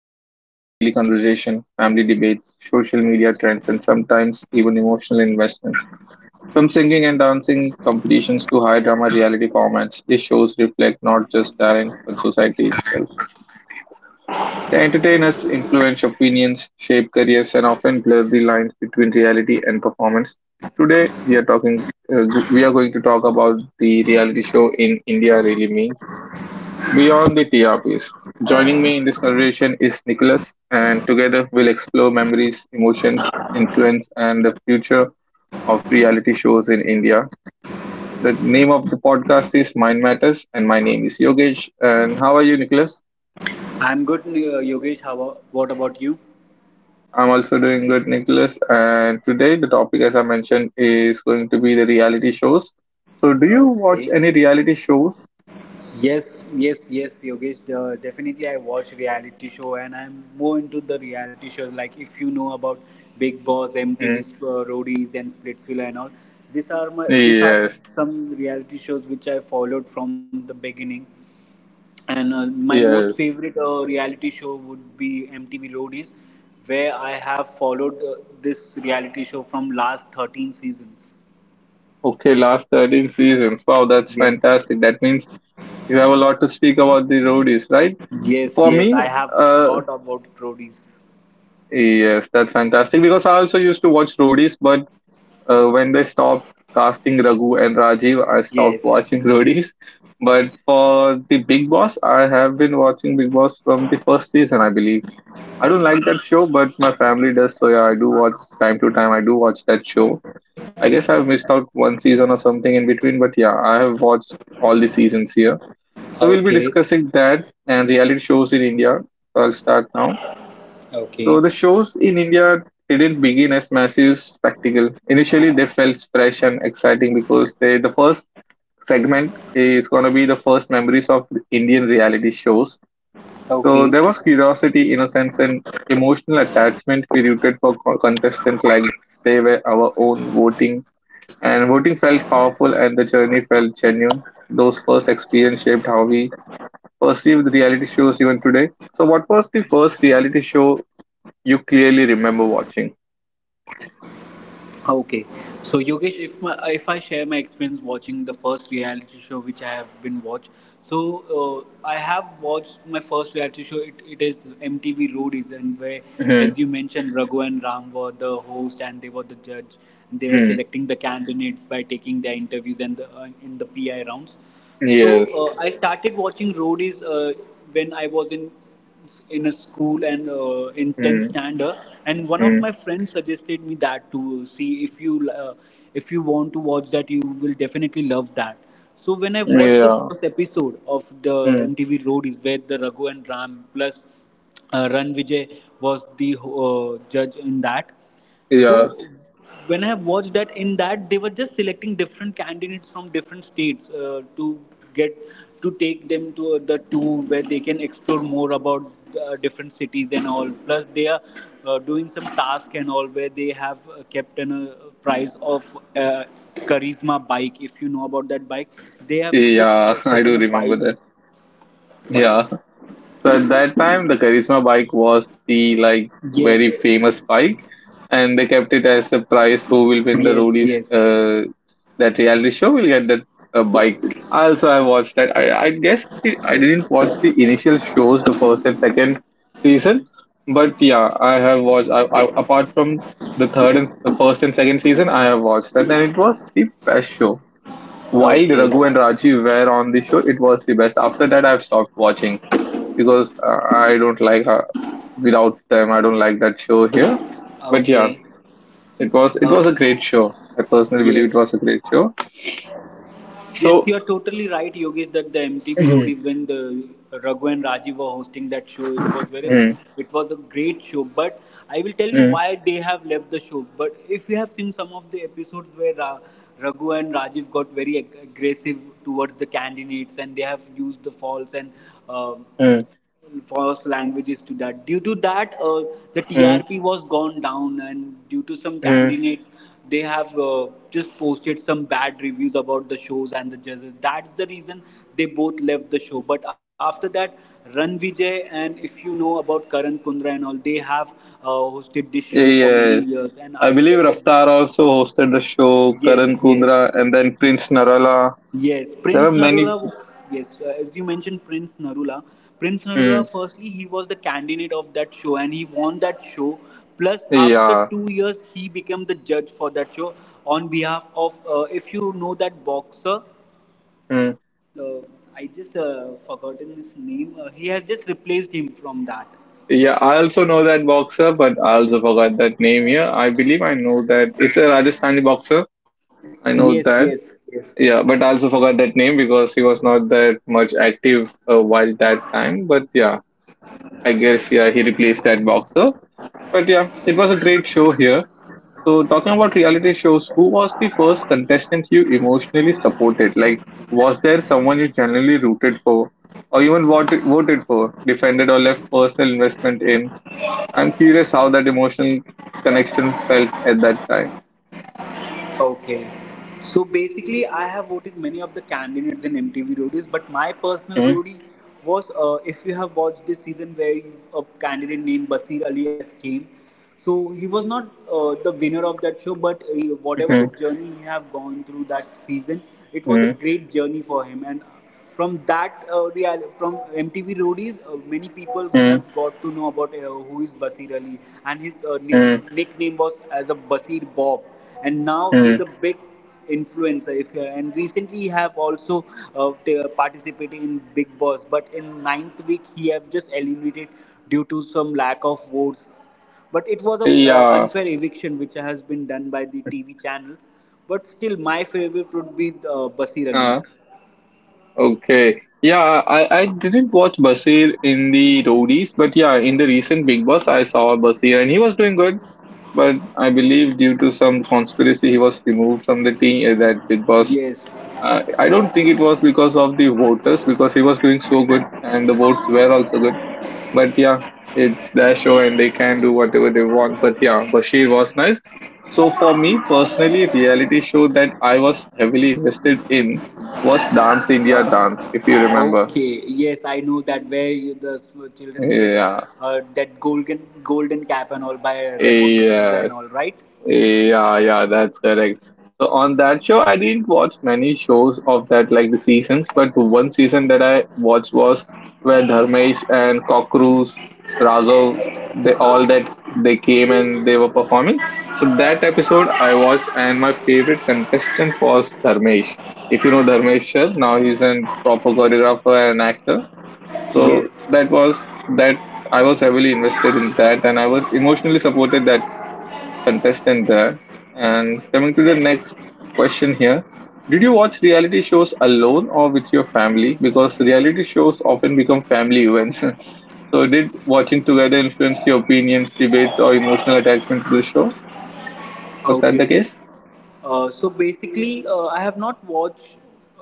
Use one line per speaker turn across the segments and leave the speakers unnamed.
They have become daily conversation, family debates, social media trends, and sometimes even emotional investments. From singing and dancing competitions to high drama reality formats, these shows reflect not just talent but society itself. They entertain us, influence opinions, shape careers, and often blur the lines between reality and performance. Today, we are talking. We are going to talk about the reality show in India really means beyond the TRPs. Joining me in this conversation is Nicholas, and together we'll explore memories, emotions, influence, and the future of reality shows in India. The name of the podcast is Mind Matters, and my name is Yogesh. And how are you, Nicholas?
I'm good, Yogesh. What about you?
I'm also doing good, Nicholas. And today, the topic, as I mentioned, is going to be the reality shows. So, do you watch
Okay.
any reality shows?
Yes, yes, yes, Yogesh. Definitely, I watch reality show, and I'm more into the reality shows. Like if you know about Big Boss,
Mm.
MTV's Roadies, and Splitsville, and all. These are
Yes,
some reality shows which I followed from the beginning. And my most
yes.
favorite reality show would be MTV Roadies, where I have followed this reality show from last 13 seasons.
Okay, last 13 seasons. Wow, that's
Yes.
fantastic. That means you have a lot to speak about the roadies, right?
Yes,
For
yes,
me,
I have
uh,
lot about roadies.
yes, that's fantastic because I also used to watch roadies, but when they stopped casting Raghu and Rajiv, I stopped
Yes.
watching roadies. But for the Big Boss, I have been watching Big Boss from the first season, I believe. I don't like that show, but my family does, so yeah, I do watch time to time. I do watch that show. I guess I've missed out one season or something in between, but yeah, I have watched all the seasons here. So we'll be
Okay.
discussing that and reality shows in India. So I'll start now.
Okay.
So the shows in India didn't begin as massive spectacle. Initially, they felt fresh and exciting because the first segment is going to be the first memories of Indian reality shows. So there
Okay.
was curiosity, innocence, and emotional attachment. We rooted for contestants like they were our own, voting. And voting felt powerful and the journey felt genuine. Those first experience shaped how we perceived reality shows even today. So, what was the first reality show you clearly remember watching?
Okay, so Yogesh, if I share my experience watching the first reality show which I have been watched, so I have watched my first reality show. It is MTV Roadies, and where, as you mentioned, Raghu and Ram were the host and they were the judge. And they were
Mm-hmm.
selecting the candidates by taking their interviews and in the PI rounds. So
Yes.
I started watching Roadies when I was in a school and in 10th
Mm-hmm.
standard, and one of my friends suggested me that to see if you want to watch that you will definitely love that. So when I watched the
Yeah.
first episode of the
Hmm.
MTV Road is where the Raghu and Ram plus Ran Vijay was the judge in that.
Yeah.
So when I have watched that, in that they were just selecting different candidates from different states to get to take them to the tour where they can explore more about different cities and all. Plus they are doing some task and all where they have kept an price of uh, charisma bike. If you know about that bike, they have just
Yeah. I
set
do
in a
remember
bike.
that. Yeah. So at that time, the Charisma bike was the like
Yes,
very famous bike, and they kept it as a prize. Who will win the
yes,
roadies?
yes.
That reality show will get that bike. I also, I watched that. I guess I didn't watch the initial shows, the first and second season, but yeah, I have watched. I apart from the third and the first and second season, I have watched that, and it was the best show. While
Okay.
Raghu and Raji were on the show, it was the best. After that, I've stopped watching because I don't like without them. I don't like that show here. But yeah,
Okay.
it was
Oh,
a great show. I personally believe it
yes.
was a great show.
Yes,
So
you are totally right, Yogesh, that the MTV Road
mm,
is when the Raghu and Rajiv were hosting that show.
mm,
It was a great show. But I will tell you
mm,
why they have left the show. But if you have seen some of the episodes where Raghu and Rajiv got very aggressive towards the candidates, and they have used the false and um
mm,
first languages to that. Due to that, the
mm,
TRP was gone down, and due to some
mm.
candidates, they have just posted some bad reviews about the shows and the judges. That's the reason they both left the show. But after that, Ran Vijay and if you know about Karan Kundra and all, they have hosted this show for many
yes,
years, and
I
after
believe
that, the
Raftar also hosted the show. Karan
yes, yes.
Kundra and then Prince Narala.
Yes,
There were
Prince
many.
Narula. Yes, as you mentioned, Prince Narula. Prince
Mm,
Narula, firstly, he was the candidate of that show and he won that show. Plus, after
yeah.
2 years, he became the judge for that show on behalf of, if you know that boxer,
Mm.
uh, I just forgotten his name. He has just replaced him from that.
Yeah, I also know that boxer, but I also forgot that name here. I believe I know that it's a Rajasthani boxer.
Yes,
I know
yes,
that.
yes.
Yeah, but I also forgot that name because he was not that much active while that time. But yeah, I guess yeah he replaced that boxer. But yeah, it was a great show here. So talking about reality shows, who was the first contestant you emotionally supported? Like, was there someone you genuinely rooted for, or even voted for, defended, or left personal investment in? I'm curious how that emotional connection felt at that time.
Okay. So basically, I have voted many of the candidates in MTV Roadies, but my personal
Mm,
roadie was if you have watched this season where a candidate named Basir Ali has came. So he was not the winner of that show, but whatever the
Hmm.
journey he have gone through that season, it was a
mm,
great journey for him, and from that real from MTV Roadies, many people have
Hmm.
got to know about who is Basir Ali, and his
mm,
nickname was as a Basir Bob, and now he's
mm.
a big influencer. If, And recently he have also participated in Big Boss, but in ninth week he have just eliminated due to some lack of votes, but it was a
Yeah.
unfair eviction which has been done by the TV channels. But still, my favorite would be Basir Ali.
uh, Okay. Yeah, I didn't watch Basir in the roadies, but yeah, in the recent Big Boss, I saw Basir and he was doing good. But I believe due to some conspiracy, he was removed from the team. That Big Boss,
Yes.
I don't think it was because of the voters, because he was doing so good and the votes were also good. But yeah, it's their show and they can do whatever they want. But yeah, Bashir was nice. So for me personally, reality show that I was heavily invested in was Dance India Dance, if you remember.
Okay, yes, I know that where you, the childrens get
Yeah.
that golden golden cap and all by Remo D'Souza
Yeah.
and all, right?
Yeah, yeah, that's correct. So on that show, I didn't watch many shows of that, like the seasons, but one season that I watched was where Dharmesh and Cockroach, Raghav, they all that they came and they were performing. So that episode I watched, and my favorite contestant was Dharmesh. If you know Dharmesh Shah, now he's a proper choreographer and actor. So
Yes.
that was that I was heavily invested in that, and I was emotionally supported that contestant there. And coming to the next question here, did you watch reality shows alone or with your family? Because reality shows often become family events. So, did watching together influence your opinions, debates, or emotional attachment to the show? Was that
Okay.
the case?
So basically, I have not watched.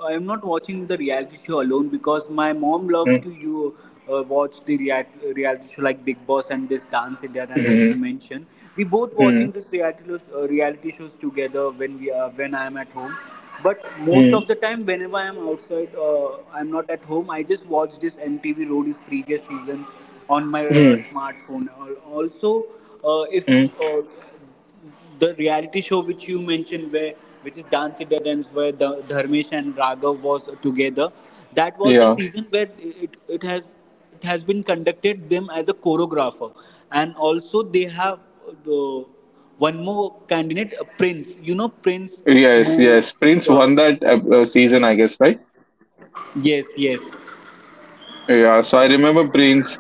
I am not watching the reality show alone because my mom loves
Mhm,
to you watch the reality show like Big Boss and this Dance India Dance as you
mhm,
mentioned. We both
mhm,
watching this reality shows, together when we are when I am at home. But most
mhm,
of the time, whenever I am outside, I am not at home. I just watch this MTV Roadies previous seasons on my
mhm,
smartphone. Also, if
mhm.
uh, the reality show which you mentioned where which is Dance India Dance where the Dharmesh and Raghav was together, that was the
Yeah.
season where it has been conducted them as a choreographer, and also they have the one more candidate prince, you know, prince
Yes,
who
yes. Prince
uh,
won that season, I guess, right?
yes, yes.
Yeah, so I remember Prince.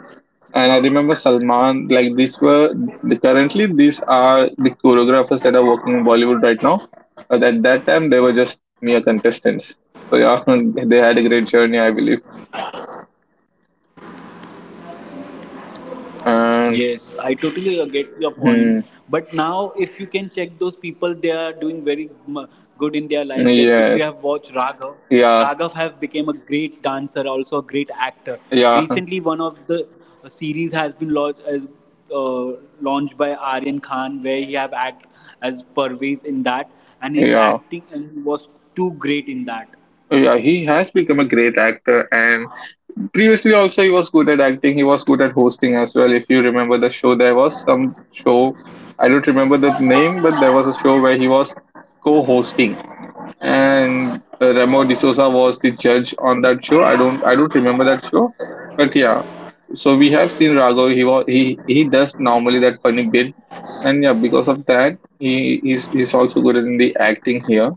And I remember Salman, like currently these are the choreographers that are working in Bollywood right now. But at that time, they were just mere contestants. So yeah, they had a great journey, I believe.
Yes, I totally
And
get your point. But now,
hmm,
if you can check those people, they are doing very good in their life. They if you have watched
yes,
Raghav, Raghav have
yeah,
become a great dancer, also a great actor. Recently, one
yeah,
of the series has been uh, launched by Aryan Khan, where he have act as Parvez in that, and his acting
yeah.
and he was too great in that.
Yeah, he has become a great actor, and previously also he was good at acting. He was good at hosting as well. If you remember the show, there was some show, I don't remember the name, but there was a show where he was co-hosting and Remo D'Souza was the judge on that show. I don't remember that show, but yeah. So we have seen Raghav. He was he does normally that funny bit, and yeah, because of that, he's also good in the acting here.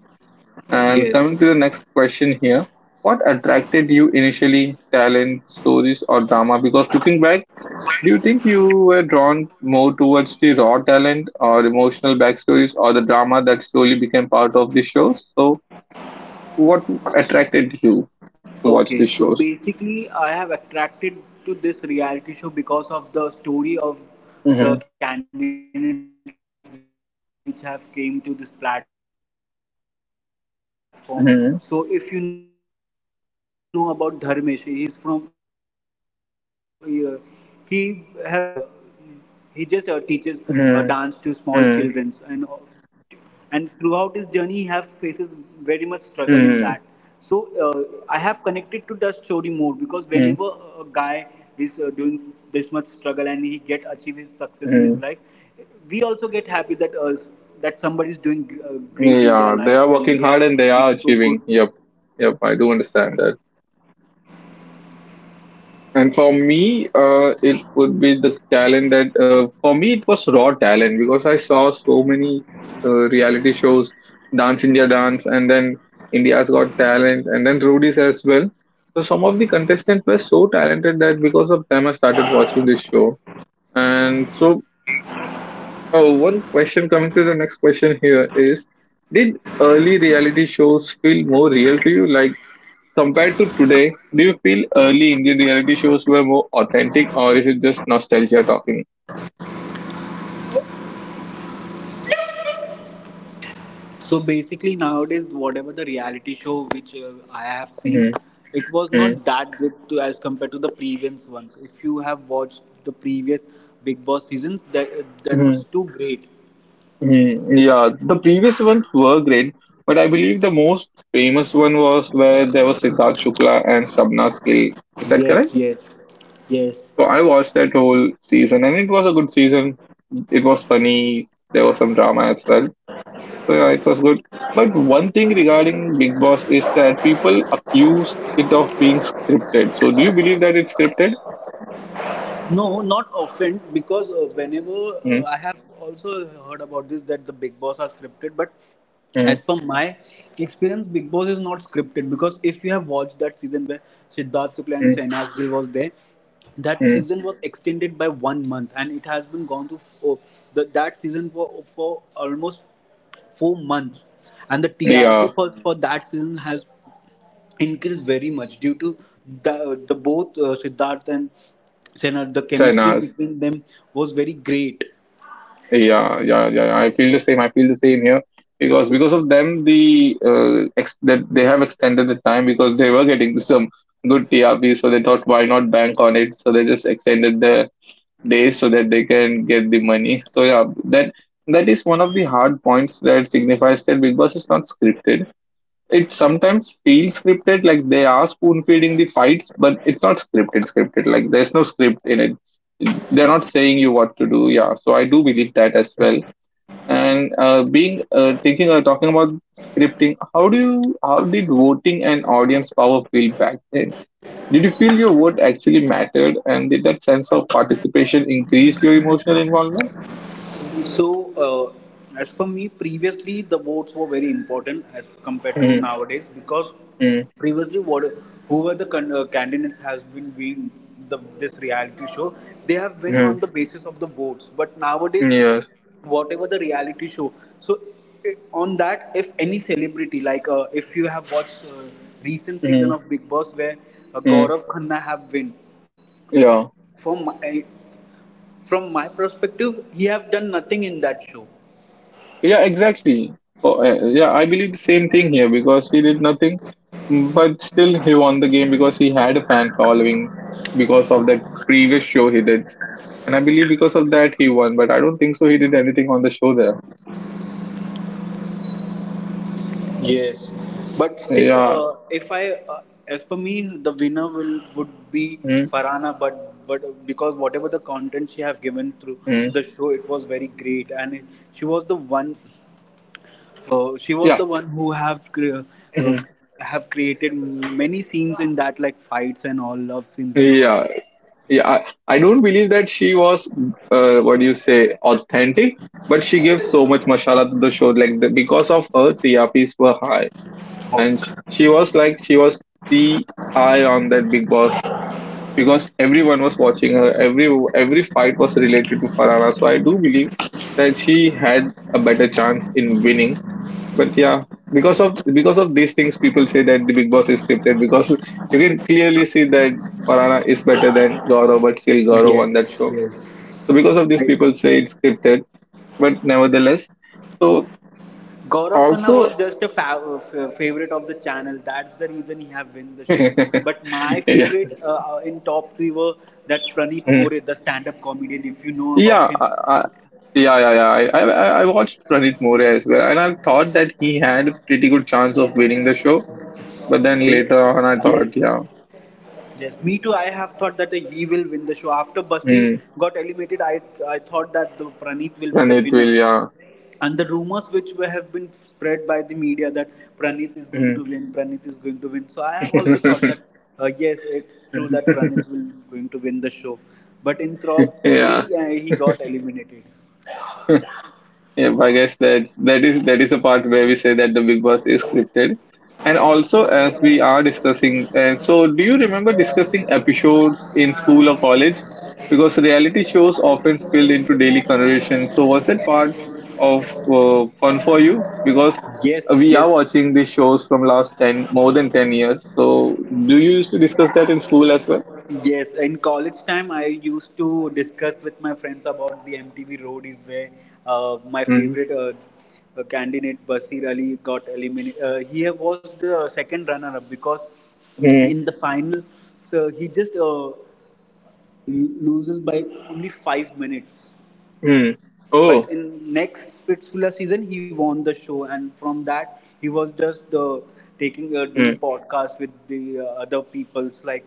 And
Yes.
coming to the next question here, what attracted you initially, talent, stories, or drama? Because looking back, do you think you were drawn more towards the raw talent or emotional backstories or the drama that slowly became part of the show? So what attracted you to watch
Okay,
these
so
shows?
basically, I have attracted to this reality show because of the story of the
Mm-hmm.
candidates which have came to this platform. So, if you know about Dharmesh, he is from he have
Mm-hmm.
came from very poor family where he used to sell tea with his dad, and he just teaches dance to small children and
Mm-hmm.
all,
Mm-hmm.
and throughout his journey he have faces very much struggle in that. So uh,
Mm-hmm.
I have connected to that story more because whenever a guy is doing this much struggle and he get achieve his success in his life, we
Mm-hmm.
also get happy that that somebody is doing uh, great in their life and they
Yeah,
have
they are working
become
hard
so
and they
good.
are achieving. Yep, yep, I do understand that. And for me, it would be the talent that for me it was raw talent because I saw so many reality shows, Dance India Dance, and then India's Got Talent, and then Rudy's as well. So some of the contestants were so talented that because of them I started watching this show. And so, one question coming to the next question here is, did early reality shows feel more real to you? Like, compared to today, do you feel early Indian reality shows were more authentic, or is it just nostalgia talking?
So basically, nowadays, whatever the reality show which I have seen,
hmm
it was
hmm
not that good to, as compared to the previous ones. If you have watched the previous Big Boss seasons, that
hmm
was too great.
Yeah, the previous ones were great, but I believe the most famous one was where there was Siddharth Shukla and Shabna Gill. Is that correct?
Yes, yes, yes.
So I watched that whole season, and it was a good season. It was funny. There was some drama as well. So yeah, it was good. But one thing regarding Big Boss is that people accuse it of being scripted. So do you believe that it's scripted?
No, not often because whenever
Mm,
I have also heard about this that the Big Boss are scripted, but as
mm,
per my experience, Big Boss is not scripted because if you have watched that season where Siddharth Shukla and
mm,
Sainas Gill was there, that
mm.
season was extended by 1 month and it has been gone to that season for almost 4 months, and the TRP
Yeah,
for that season has increased very much due to the both Siddharth and Senna. The chemistry
Shainaz.
between them was very great.
Yeah, yeah, yeah, yeah. I feel the same. I feel the same here because of them, that they have extended the time because they were getting some good TRP. So they thought, why not bank on it? So they just extended the days so that they can get the money. So yeah, that is one of the hard points that signifies that Big Boss is not scripted. It sometimes feels scripted, like they are spoon feeding the fights, but it's not scripted. Scripted, like there's no script in it. They're not saying you what to do. Yeah, so I do believe that as well. And being thinking or talking about scripting, how do you how did voting and audience power feel back then? Did you feel your vote actually mattered, and did that sense of participation increase your emotional involvement?
So, as per me, previously the votes were very important as compared to
Mm,
nowadays because
mm,
previously what whoever the candidates has been being the this reality show, they have been on
mm,
the basis of the votes. But nowadays,
yes.
whatever the reality show, so i- on that if any celebrity like if you have watched recent season
Mm,
of Big Boss where
mm,
Gaurav Khanna have win,
yeah.
from my, from my perspective he have done nothing in that show.
Yeah. Exactly. Oh, yeah. I believe the same thing here because he did nothing, but still he won the game because he had a fan following because of that previous show he did, and I believe because of that he won. But I don't think so. He did anything on the show there.
Yes, but still,
Yeah.
if I, as per me, the winner will would be
Mm,
Farhana, but because whatever the content she have given through
mm,
the show, it was very great, and she was the one, she was
yeah.
the one who have uh,
Mhm.
have created many scenes in that, like fights and all, love scenes and all.
Yeah, I don't believe that she was what do you say authentic, but she gave so much mashallah to the show, like the, because of her trps were high.
Oh,
And she was like, she was the eye on that Big Boss because everyone was watching her. Every fight was related to Farana, so I do believe that she had a better chance in winning. But yeah, because of these things, people say that the Big Boss is scripted because you can clearly see that Parana is better than Gaurav, but still Gaurav won that
yes,
show.
yes.
So because of this, people say it's scripted, but nevertheless. So
Gaurav Khanna
also
was just a favorite of the channel. That's the reason he have win the show. But my
yeah.
favorite in top three were that Praneeth More,
Mm.
the stand-up comedian. If you know about
yeah
him,
I, I, yeah yeah yeah I watched Pranit More as well, and I thought that he had a pretty good chance of winning the show. But then
where,
later on, I thought
yes,
yeah.
yes, me too. I have thought that he will win the show. After Basi
Mm,
got eliminated, I thought that the Pranit will be the
Pranit
winner.
will, yeah.
And the rumors which have been spread by the media that Pranit is going
Mm.
to win, Pranit is going to win. So I have also thought that yes, it's true that Pranit will going to win the show. But in top three,
yeah.
he got eliminated.
Yeah, I guess that is the part where we say that the Big Boss is scripted. And also, as we are discussing, and so do you remember discussing episodes in school or college? Because reality shows often spill into daily conversation. So was that part of fun for you? Because
Yes,
we are
yes,
watching these shows from last ten more than 10 years. So do you used to discuss that in school as well?
yes, in college time, I used to discuss with my friends about the MTV Road is where my
Mm-hmm.
favorite candidate Basir Ali got eliminated. He was the second runner-up because in the final, so he just loses by only 5 minutes.
Mm-hmm.
But
Oh.
in next Pitsula season, he won the show, and from that, he was just taking doing podcasts with the other people's, like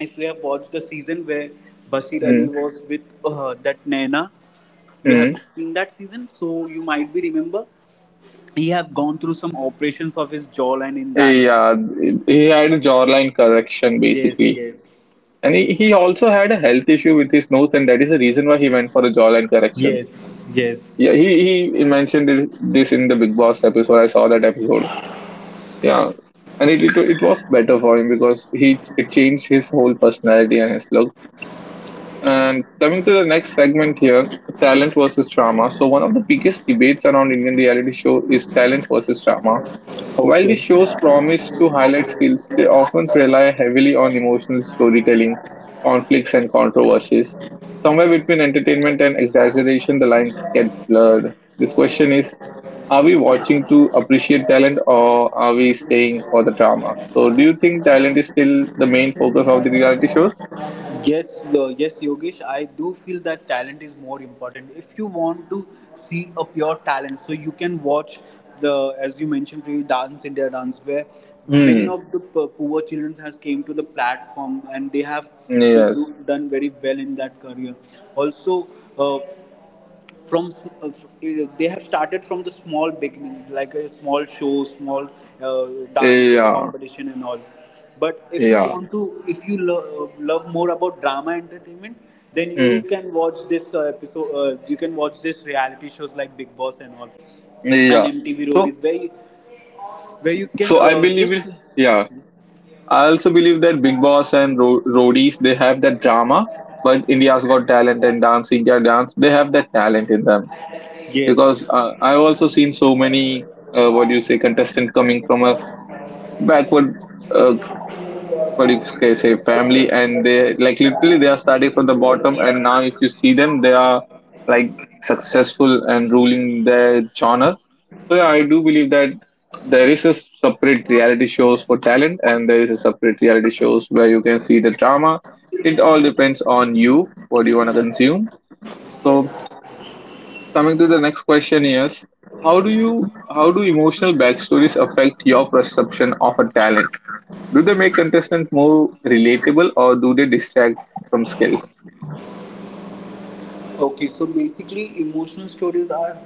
if you have watched the season where Bashir Ali was with that Naina, you have
Mm-hmm.
seen that season, so you might be remember he have gone through some operations of his jawline in that.
Yeah, he had a jawline correction
Yes,
basically.
yes,
And he also had a health issue with his nose, and that is the reason why he went for a jawline correction.
yes, yes.
Yeah, he mentioned this in the Big Boss episode. I saw that episode. Yeah, and it was better for him because he it changed his whole personality and his look. And coming to the next segment here, talent versus drama. So one of the biggest debates around Indian reality show is talent versus drama. While these
Okay.
shows promise to highlight skills, they often rely heavily on emotional storytelling, conflicts, and controversies. Somewhere between entertainment and exaggeration, the lines get blurred. This question is, are we watching to appreciate talent or are we staying for the drama? So, do you think talent is still the main focus of the reality shows?
Yes, yes, Yogesh. I do feel that talent is more important. If you want to see a pure talent, so you can watch the, as you mentioned, previous Dance India Dance, where many
Hmm.
of the poor children has came to the platform and they have
Yes.
done very well in that career. Also, uh, from they have started from the small beginnings, like a small show, small uh, dance
Yeah.
competition and all. But if you
Yeah.
want to, if you love more about drama entertainment, then
Hmm.
you can watch this episode, you can watch this reality shows like Big Boss and all,
Yeah.
and MTV Road
So,
is where you can
so I believe
just,
it. Yeah. I also believe that Big Boss and Roadies, they have that drama, but India's Got Talent and Dance India Dance, they have that talent in them because
yes.
I've also seen so many what do you say contestants coming from a backward uh, what you can say family, and they like literally they are starting from the bottom, and now if you see them, they are like successful and ruling their genre. So yeah, I do believe that there is a separate reality shows for talent and there is a separate reality shows where you can see the drama. It all depends on you what do you want to consume. So coming to the next question is, how do you how do emotional backstories affect your perception of a talent? Do they make contestants more relatable, or do they distract from skill?
Okay, so basically, emotional stories are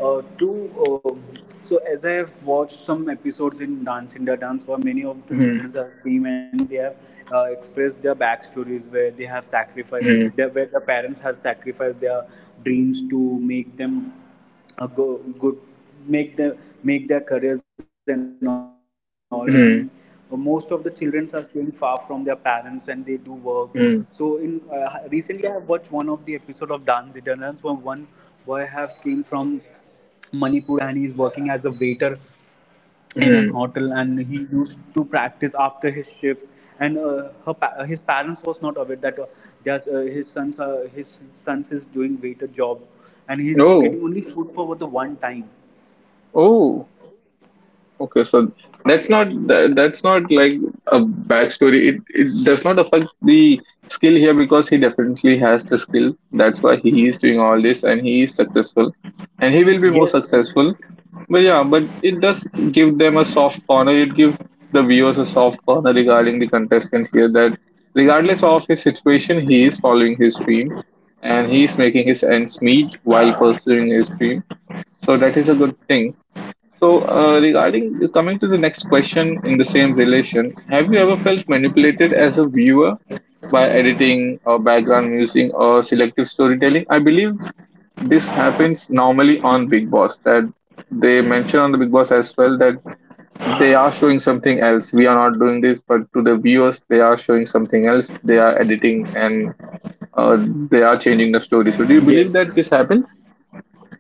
two. So, as I have watched some episodes in Dance India Dance, where many of the
Mhm,
children have came and they have expressed their backstories, where they have sacrificed,
mhm,
their, where the parents have sacrificed their dreams to make them go good, make their, make their careers and all. And most of the
mhm,
children are staying far from their parents and they do work. So in
mhm,
recently I have watched one of the episode of Dance Italians, where one boy has came from Manipur and he's working as a waiter in an hotel,
mhm.
and he used to practice after his shift. And her his parents was not aware that there's, his sons, his sons is doing waiter job, and he's
Oh,
getting only food for the one time.
oh, okay. So that's not that, that's not like a backstory. It does not affect the skill here because he definitely has the skill. That's why he is doing all this and he is successful, and he will be more
Yes,
successful. But yeah, but it does give them a soft corner. It gives the viewers a soft corner regarding the contestant here, that regardless of his situation, he is following his dream and he is making his ends meet while pursuing his dream. So that is a good thing. So regarding coming to the next question in the same relation, have you ever felt manipulated as a viewer by editing or background music or selective storytelling? I believe this happens normally on Big Boss, that they mention on the Big Boss as well that they are showing something else. We are not doing this, but to the viewers, they are showing something else. They are editing and uh, they are
yes.
changing the story. So, do you believe that this happens?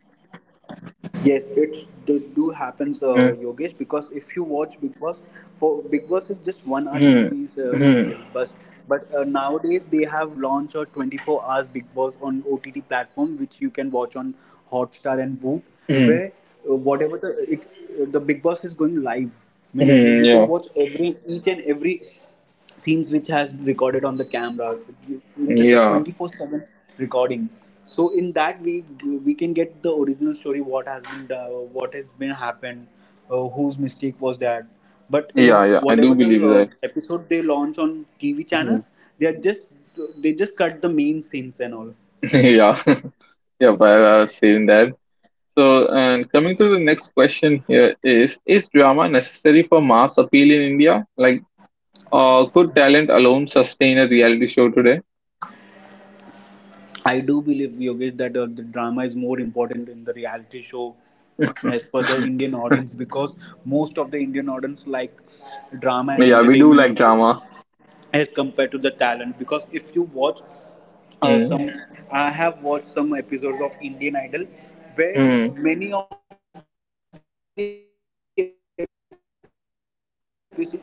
Yes, it do, do happens, Yogesh. Because if
Mm-hmm.
you watch Big Boss, for Big Boss is just 1 hour TV serial, but
Mm-hmm.
but nowadays they have launched a 24 hours Big Boss on OTT platform, which you can watch on Hotstar and Voot, where
Hmm.
whatever the Big Boss is going live, means you can watch
Yeah,
every each and every scenes which has recorded on the camera. Means it's a
yeah,
24/7 recordings. So in that we can get the original story, what has been happened, whose mistake was that. But
yeah,
in
yeah. I do
whatever the
believe that.
episode they launch on TV
Mhm.
channels, they are just they just cut the main scenes and all.
yeah, yeah. But I'm saying that. So, and coming to the next question here is: is drama necessary for mass appeal in India? Like could talent alone sustain a reality show today?
I do believe, Yogesh, that the drama is more important in the reality show as per the Indian audience, because most of the Indian audience like drama and
Yeah, we do
entertainment
like drama.
as compared to the talent. Because if you watch
Mm.
some, I have watched some episodes of Indian Idol, where
Mm.
many of the episode in many of the episodes some funny characters came and they are singing a,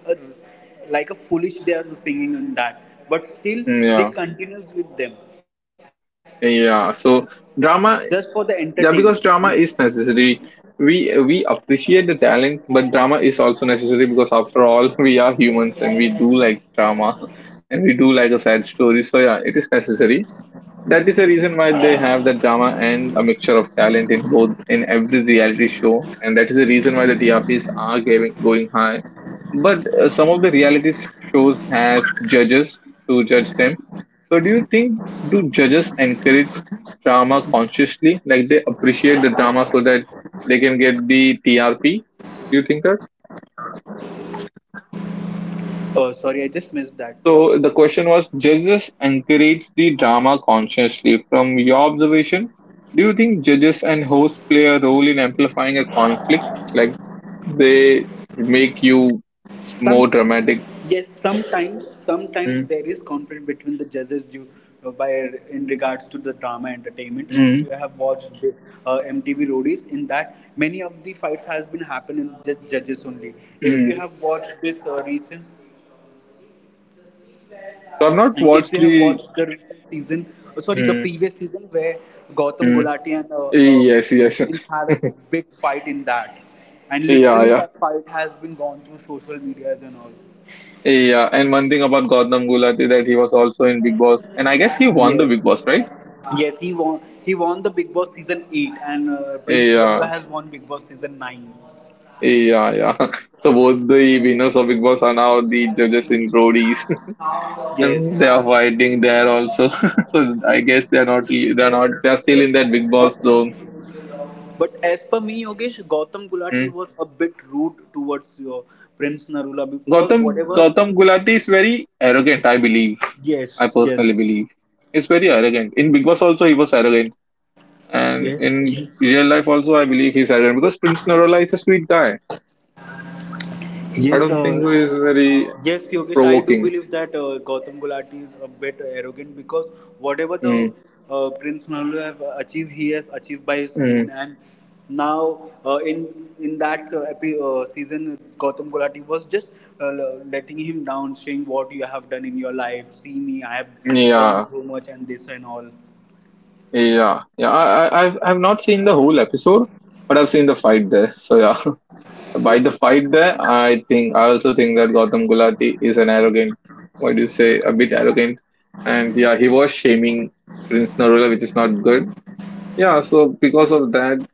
like a foolish, they are singing in that, but still
Mm,
they
yeah,
continues with them
yeah.
just for
So
the
drama,
entertainment and,
yeah, because drama is necessary. We appreciate the talent, but drama is also necessary because after all, we are humans and we do like drama,
yes.
and we do like a sad story. So yeah, it is necessary. That is the reason why they have that drama and a mixture of talent in both in every reality show, and that is the reason why the TRPs are giving, going high. But some of the reality shows has judges to judge them. So do you think, do judges encourage drama consciously, like they appreciate the drama so that they can get the TRP? Do you think that?
Oh sorry, I just missed that, what?
So the question was, judges encourage the drama consciously. From your observation, do you think judges and hosts play a role in amplifying a conflict? Like they make
Some,
you
yes,
more dramatic.
sometimes sometimes there is conflict
Mm,
between the judges due, by, in regards to the drama entertainment. If you have
mm,
watched the, MTV Roadies, in that many of the fights has been happened in the judges only. If you have
mm.
watched this recent,
So I've
if
not
you have
watched
watched the
the.
recent season, oh, sorry, the previous
Mm,
season where Gautam
mm.
Gulati and uh,
Yes, yes, yeah,
Prince had a big fight in that, and literally
yeah,
that fight has been gone through social medias and all.
yeah. And one thing about Gautam Gulati, that he was also in Big Boss, and I guess he won the
Yes,
Big Boss, right?
yes, he won. He won the Big Boss season 8, and Prince Narula
Yeah.
has won Big Boss season 9.
Yeah, yeah. So both the winners of Big Boss are now the judges in Roadies, and
Yes,
they are fighting there also. So I guess they're not, they're still in that Big Boss
but
zone.
but as per me, Yogesh, Gautam Gulati
Mm.
was a bit rude towards Prince Narula because
Gautam
whatever.
Gautam Gulati is very arrogant. I believe. I
Yes,
personally
yes.
believe. He's very arrogant. In Big Boss also, he was arrogant, and
Yes.
in
Yes.
real life also, I believe he's arrogant because Prince Narola is a sweet guy. I
Yes,
don't think he is very
yes, Yogesh. I do
provoking.
believe that Gautam Gulati is a bit arrogant, because whatever the
Mm.
Prince Nallu have achieved, he has achieved by his
Mm.
own. And now, in that season, Gautam Gulati was just uh, letting him down, saying what you have done in your life. See me, I have
Yeah,
earned so much, and this and all.
yeah, yeah. I've not seen the whole episode, but I've seen the fight there. So yeah, by the fight there, I think I also think that Gautam Gulati is an arrogant. What do you say? A bit arrogant, and yeah, he was shaming Prince Narula, which is not good. Yeah, so because of that,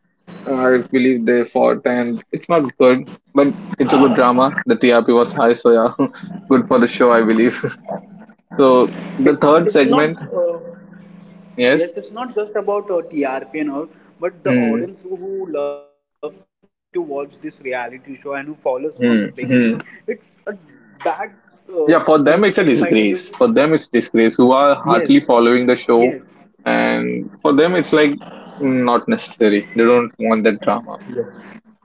I believe they fought, and it's not good, but it's a good drama. The TRP was high, so yeah, good for the show, I believe. So
It,
the third
it's not.
segment,
Yes,
yes.
it's not just about TRP and all, but the
Mm-hmm.
audience who loves to watch this reality show and who follows from the beginning. It's a bad, uh, means if I
Yeah,
tell
for
you,
them it's a disgrace. For them it's disgrace
yes,
who are hardly
yes,
following the show, and for them it's like mm, not necessary. They don't want that drama.
yes.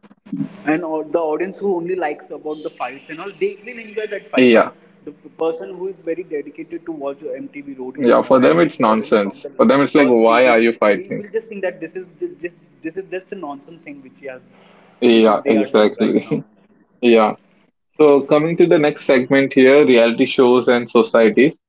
And all, the audience who only likes about the fights and all, they will enjoy that fight, but the
Yeah,
person who is very dedicated to watch MTV Roadies and all,
yeah.
and
For
he's
them it's
following from the
nonsense. For them it's
first
like why
season,
are you
he will
fighting?
just think that this is just this is just a nonsense thing, which he has, which is
Yeah,
they are doing right
exactly.
now.
yeah. So coming to the next segment here, reality shows and societies.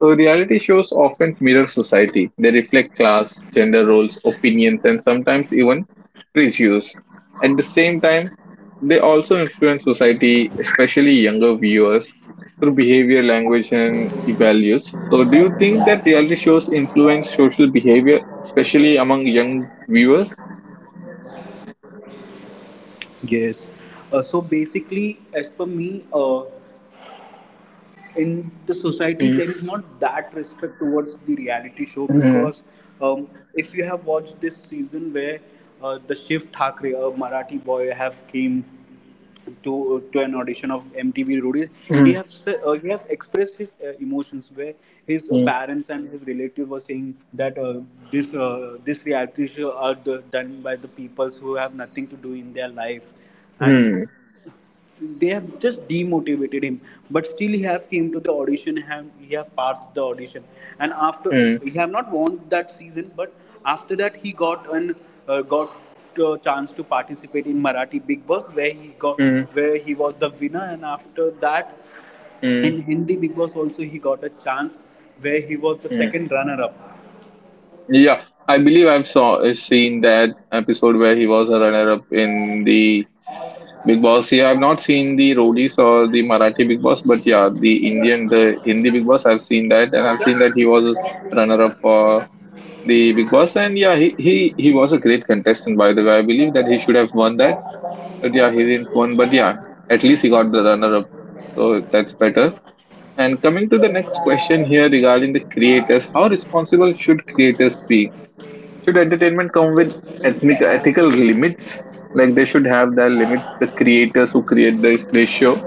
So reality shows often mirror society. They reflect class, gender roles, opinions, and sometimes even prejudice. At the same time, they also influence society, especially younger viewers, through behavior, language, and values. So, do you think that reality shows influence social behavior, especially among young viewers?
Yes, so basically as per me, in the society there is not
Mm,
that respect towards the reality show because,
mm,
um, if you have watched this season where the Shiv Thakre, a Marathi boy, have came to an audition of MTV Roadies, he have
mm,
he have expressed his emotions, where his
mm,
parents and his relatives were saying that this this reality show are the, done by the peoples who have nothing to do in their life, and
mm,
they have just demotivated him. But still he have came to the audition, have he have passed the audition, and after,
mm,
he have not won that season, but after that he got an got a chance to participate in Marathi Big Boss, where he got,
mm,
where he was the winner. And after that
mm,
in Hindi Big Boss also he got a chance, where he was the
mm.
second runner up.
Yeah, I believe I've saw seen that episode where he was a runner-up in the Big Boss. Yeah, I've not seen the Roadies or the Marathi Big Boss, but yeah, the Indian, the Hindi Big Boss, I've seen that, and I've seen that
The,
he was a runner-up for the Big Boss, and yeah, he he was a great contestant. By the way, I believe that he should have won that, but yeah, he didn't win. But yeah, at least he got the runner-up, so that's better. And coming to the next question here regarding the creators, how responsible should creators be? Should entertainment come with ethnic ethical limits? Like they should have their limits. The creators who create this, they show.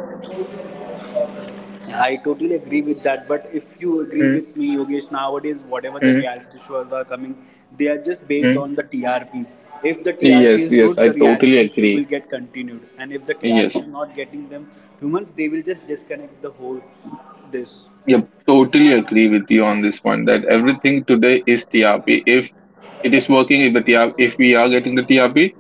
I totally agree with that. But if you agree
Mm,
with me, Yogesh, nowadays, whatever the
mm,
reality shows are coming, they are just based
mm.
on the TRPs. If the TRP
Yes,
is
yes,
good,
I
the
totally
reality show will
agree.
get continued. And if the
Yes,
TRP is not getting them humans, they will just disconnect the whole this.
yep, totally agree with you on this one. That everything today is TRP. If it is working, if the TRP, if we are getting the TRP,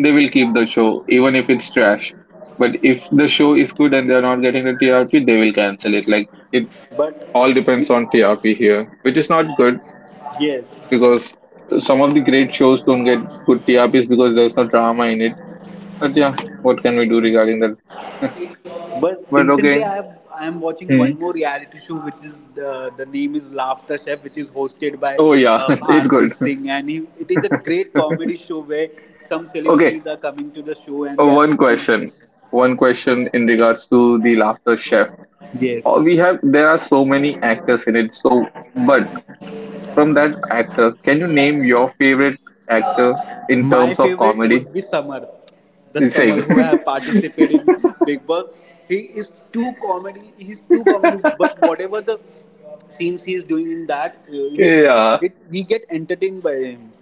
they will keep the show, even if it's trash. But if the show is good and they are not getting the TRP, they will cancel it. Like it
But
all depends on TRP here, which is not good
yes,
because some of the great shows don't get good TRPs because there's no drama in it. But yeah, what can we do regarding that?
but
But
recently,
okay.
I am watching
Hmm.
one more reality show, which is the name is Laughter Chef, which is hosted by
Oh yeah, it's
Bharti
good.
Singh, and he, it is a great comedy show where some
Okay,
celebrities are coming to the show and they are
one
cooking.
question. One question in regards to the Laughter Chef.
Yes,
We have there are so many actors in it. So, but from that actor, can you name your favorite actor in
my
terms of
favorite
comedy?
would be Samarth, the
The
Samar
same.
who have participated in Big Boss. He is too comedy. He is too comedy. But whatever the scenes he is doing in that, it
yeah,
it we get entertained by him.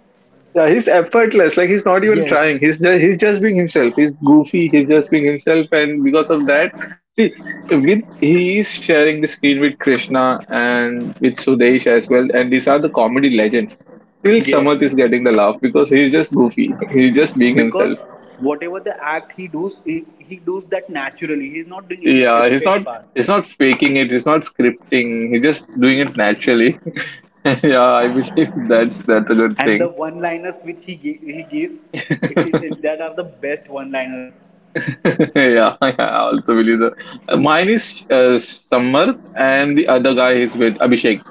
yeah, he's effortless. Like he's not even
Yes.
trying. he's just being himself. He's goofy. He's just being himself, and because of that, see, with he is sharing the screen with Krishna and with Sudesh as well, and these are the comedy legends. Still, Samarth
Yes.
is getting the laugh because he's just goofy. He's just being
Because
himself.
whatever the act he does, he does that naturally, he is not doing any
Yeah, he's
scripted
not
part.
he's not faking it. He's not scripting. He's just doing it naturally. Yeah, I believe that's a good
And the
thing.
one liners which he he gives, that are the best one liners.
Yeah, I also believe that. Mine is Samarth, and the other guy is with Abhishek.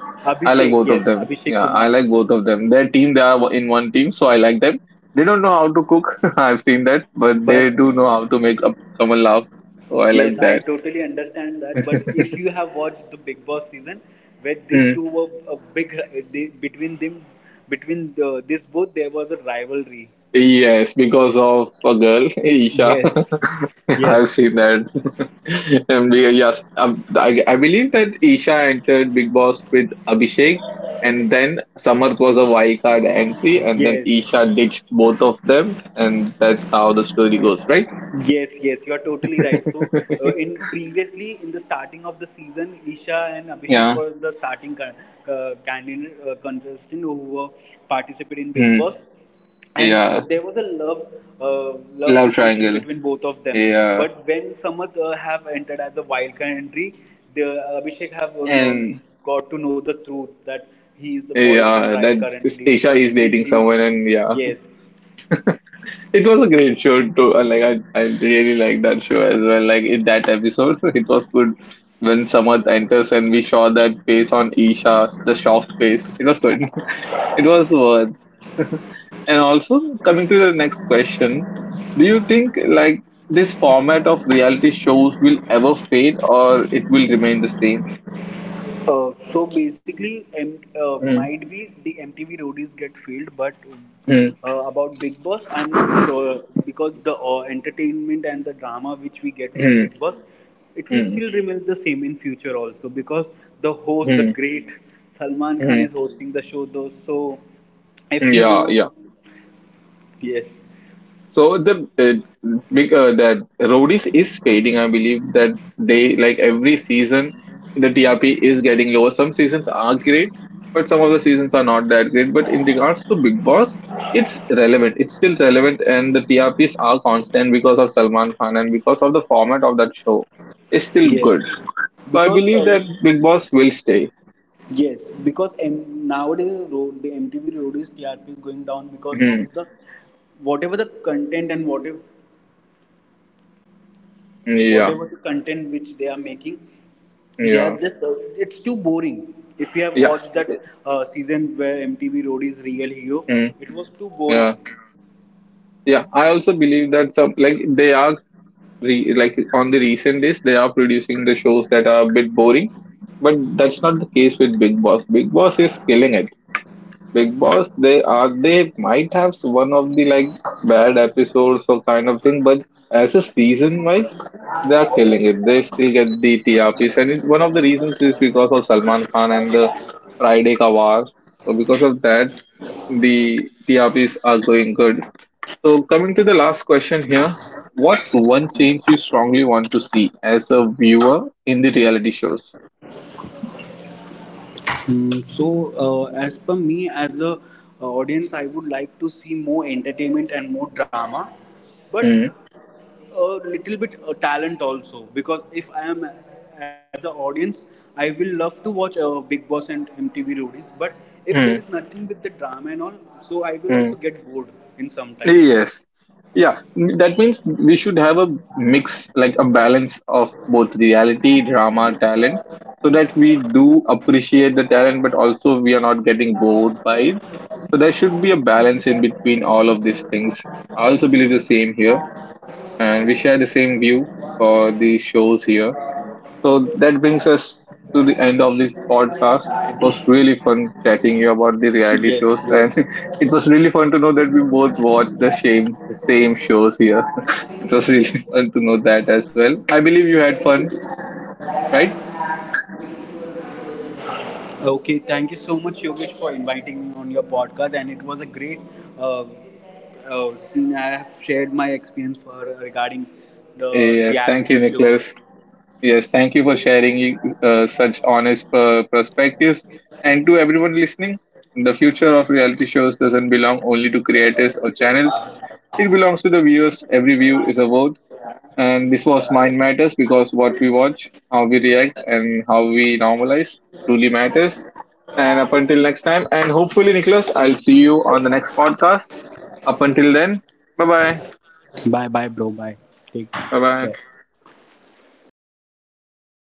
I like
Abhishek,
both
yes,
of them.
Abhishek
Yeah, I
Kumar.
like both of them. Their team, they are in one team, so I like them. They don't know how to cook. I've seen that, but they do know
But
how to make up someone laugh. So I
yes,
like
I
that.
totally understand that. But if you have watched the Big Boss season where these
Mm.
two were a between them, between this both there was a rivalry,
Yes, because of a girl, Isha.
yes,
I've
yes,
seen that. And we, yes, I believe that Isha entered Big Boss with Abhishek, and then Samarth was a wild card entry, and then Isha
yes.
ditched both of them, and that's how the story goes, right?
Yes, yes, you are totally right. So, in previously in the starting of the season, Isha and Abhishek
Yeah.
were the starting candidate contestant who were participating in Big
Hmm.
Boss, and
Yeah.
there was a love uh, love
Love
situation
triangle.
between both of them.
Yeah.
But when Samat have entered as a wild card entry, the Abhishek have
And
got to know the truth that he is the boyfriend
yeah,
right
that
currently,
Isha
but
is
still
dating
he's,
someone, and yeah.
yes.
It was a great show too. Like I really like that show as well. Like in that episode, it was good when Samarth enters and we saw that face on Isha, the shocked face. It was good. It was worth. And also coming to the next question, do you think like this format of reality shows will ever fade or it will remain the same?
So basically,
Mm,
might be the MTV Roadies get failed, but
mm,
about Big Boss, I'm not sure, because the entertainment and the drama which we get from
mm,
Big Boss, it
mm,
will
mm,
still remain the same in future also, because the host, the
mm,
great Salman Khan,
mm.
is hosting the show though. So if you
Yeah,
know,
yeah.
yes,
So the big that Rodis is fading. I believe that they like every season the TRP is getting lower. Some seasons are great, but some of the seasons are not that great. But in regards to Big Boss, it's relevant. It's still relevant, and the TRPs are constant because of Salman Khan and because of the format of that show. It's still
yes,
good. So I
because
believe that Big Boss will stay.
yes, because, nowadays the MTV roadies TRP is TRP is going down because of
Mhm.
the whatever the content, and whatever
Yeah,
whatever the content which they are making, they are
yeah,
just it's too boring. If you have
yeah.
watched that season where MTV roadies real hero,
Mm,
it was too boring.
yeah, yeah. I also believe that some like they are like on the recent days they are producing the shows that are a bit boring, but that's not the case with Big Boss. Big Boss is killing it. Big Boss, they are, they might have one of the like bad episodes or kind of thing, but as a season wise, they are killing it. They still get the TRPs, and it, one of the reasons is because of Salman Khan and the Friday Ka War. So because of that, the TRPs are going good. So coming to the last question here, what's one change you strongly want to see as a viewer in the reality shows?
Hmm, so as per me, as a audience, I would like to see more entertainment and more drama, but
Mm,
a little bit talent also, because if I am as an audience, I will love to watch Big Boss and MTV Roadies. But if there is
mm,
nothing with the drama and all, so I will also
mm.
get bored in some time.
Yes. Yeah, that means we should have a mix, like a balance of both reality, drama, talent, so that we do appreciate the talent, but also we are not getting bored by it. So there should be a balance in between all of these things. I also believe the same here, and we share the same view for the shows here. So that brings us to the end of this podcast. It was really fun chatting you about the reality
Yes,
shows, and
yes.
it was really fun to know that we both watched the same shows here. It was really fun to know that as well. I believe you had fun, right?
Okay, thank you so much, Yogesh, for inviting me on your podcast, and it was a great uh, scene. I have shared my experience for regarding the
Yes, thank
reality
you,
show.
Nicholas. Yes, thank you for sharing such honest perspectives. And to everyone listening, the future of reality shows doesn't belong only to creators or channels. It belongs to the viewers. Every view is a vote. And this was Mind Matters, because what we watch, how we react, and how we normalize truly matters. And up until next time, and hopefully, Nicholas, I'll see you on the next podcast. Up until then, bye bye.
Bye, bye, bro. Bye. Take
Bye bye.
care.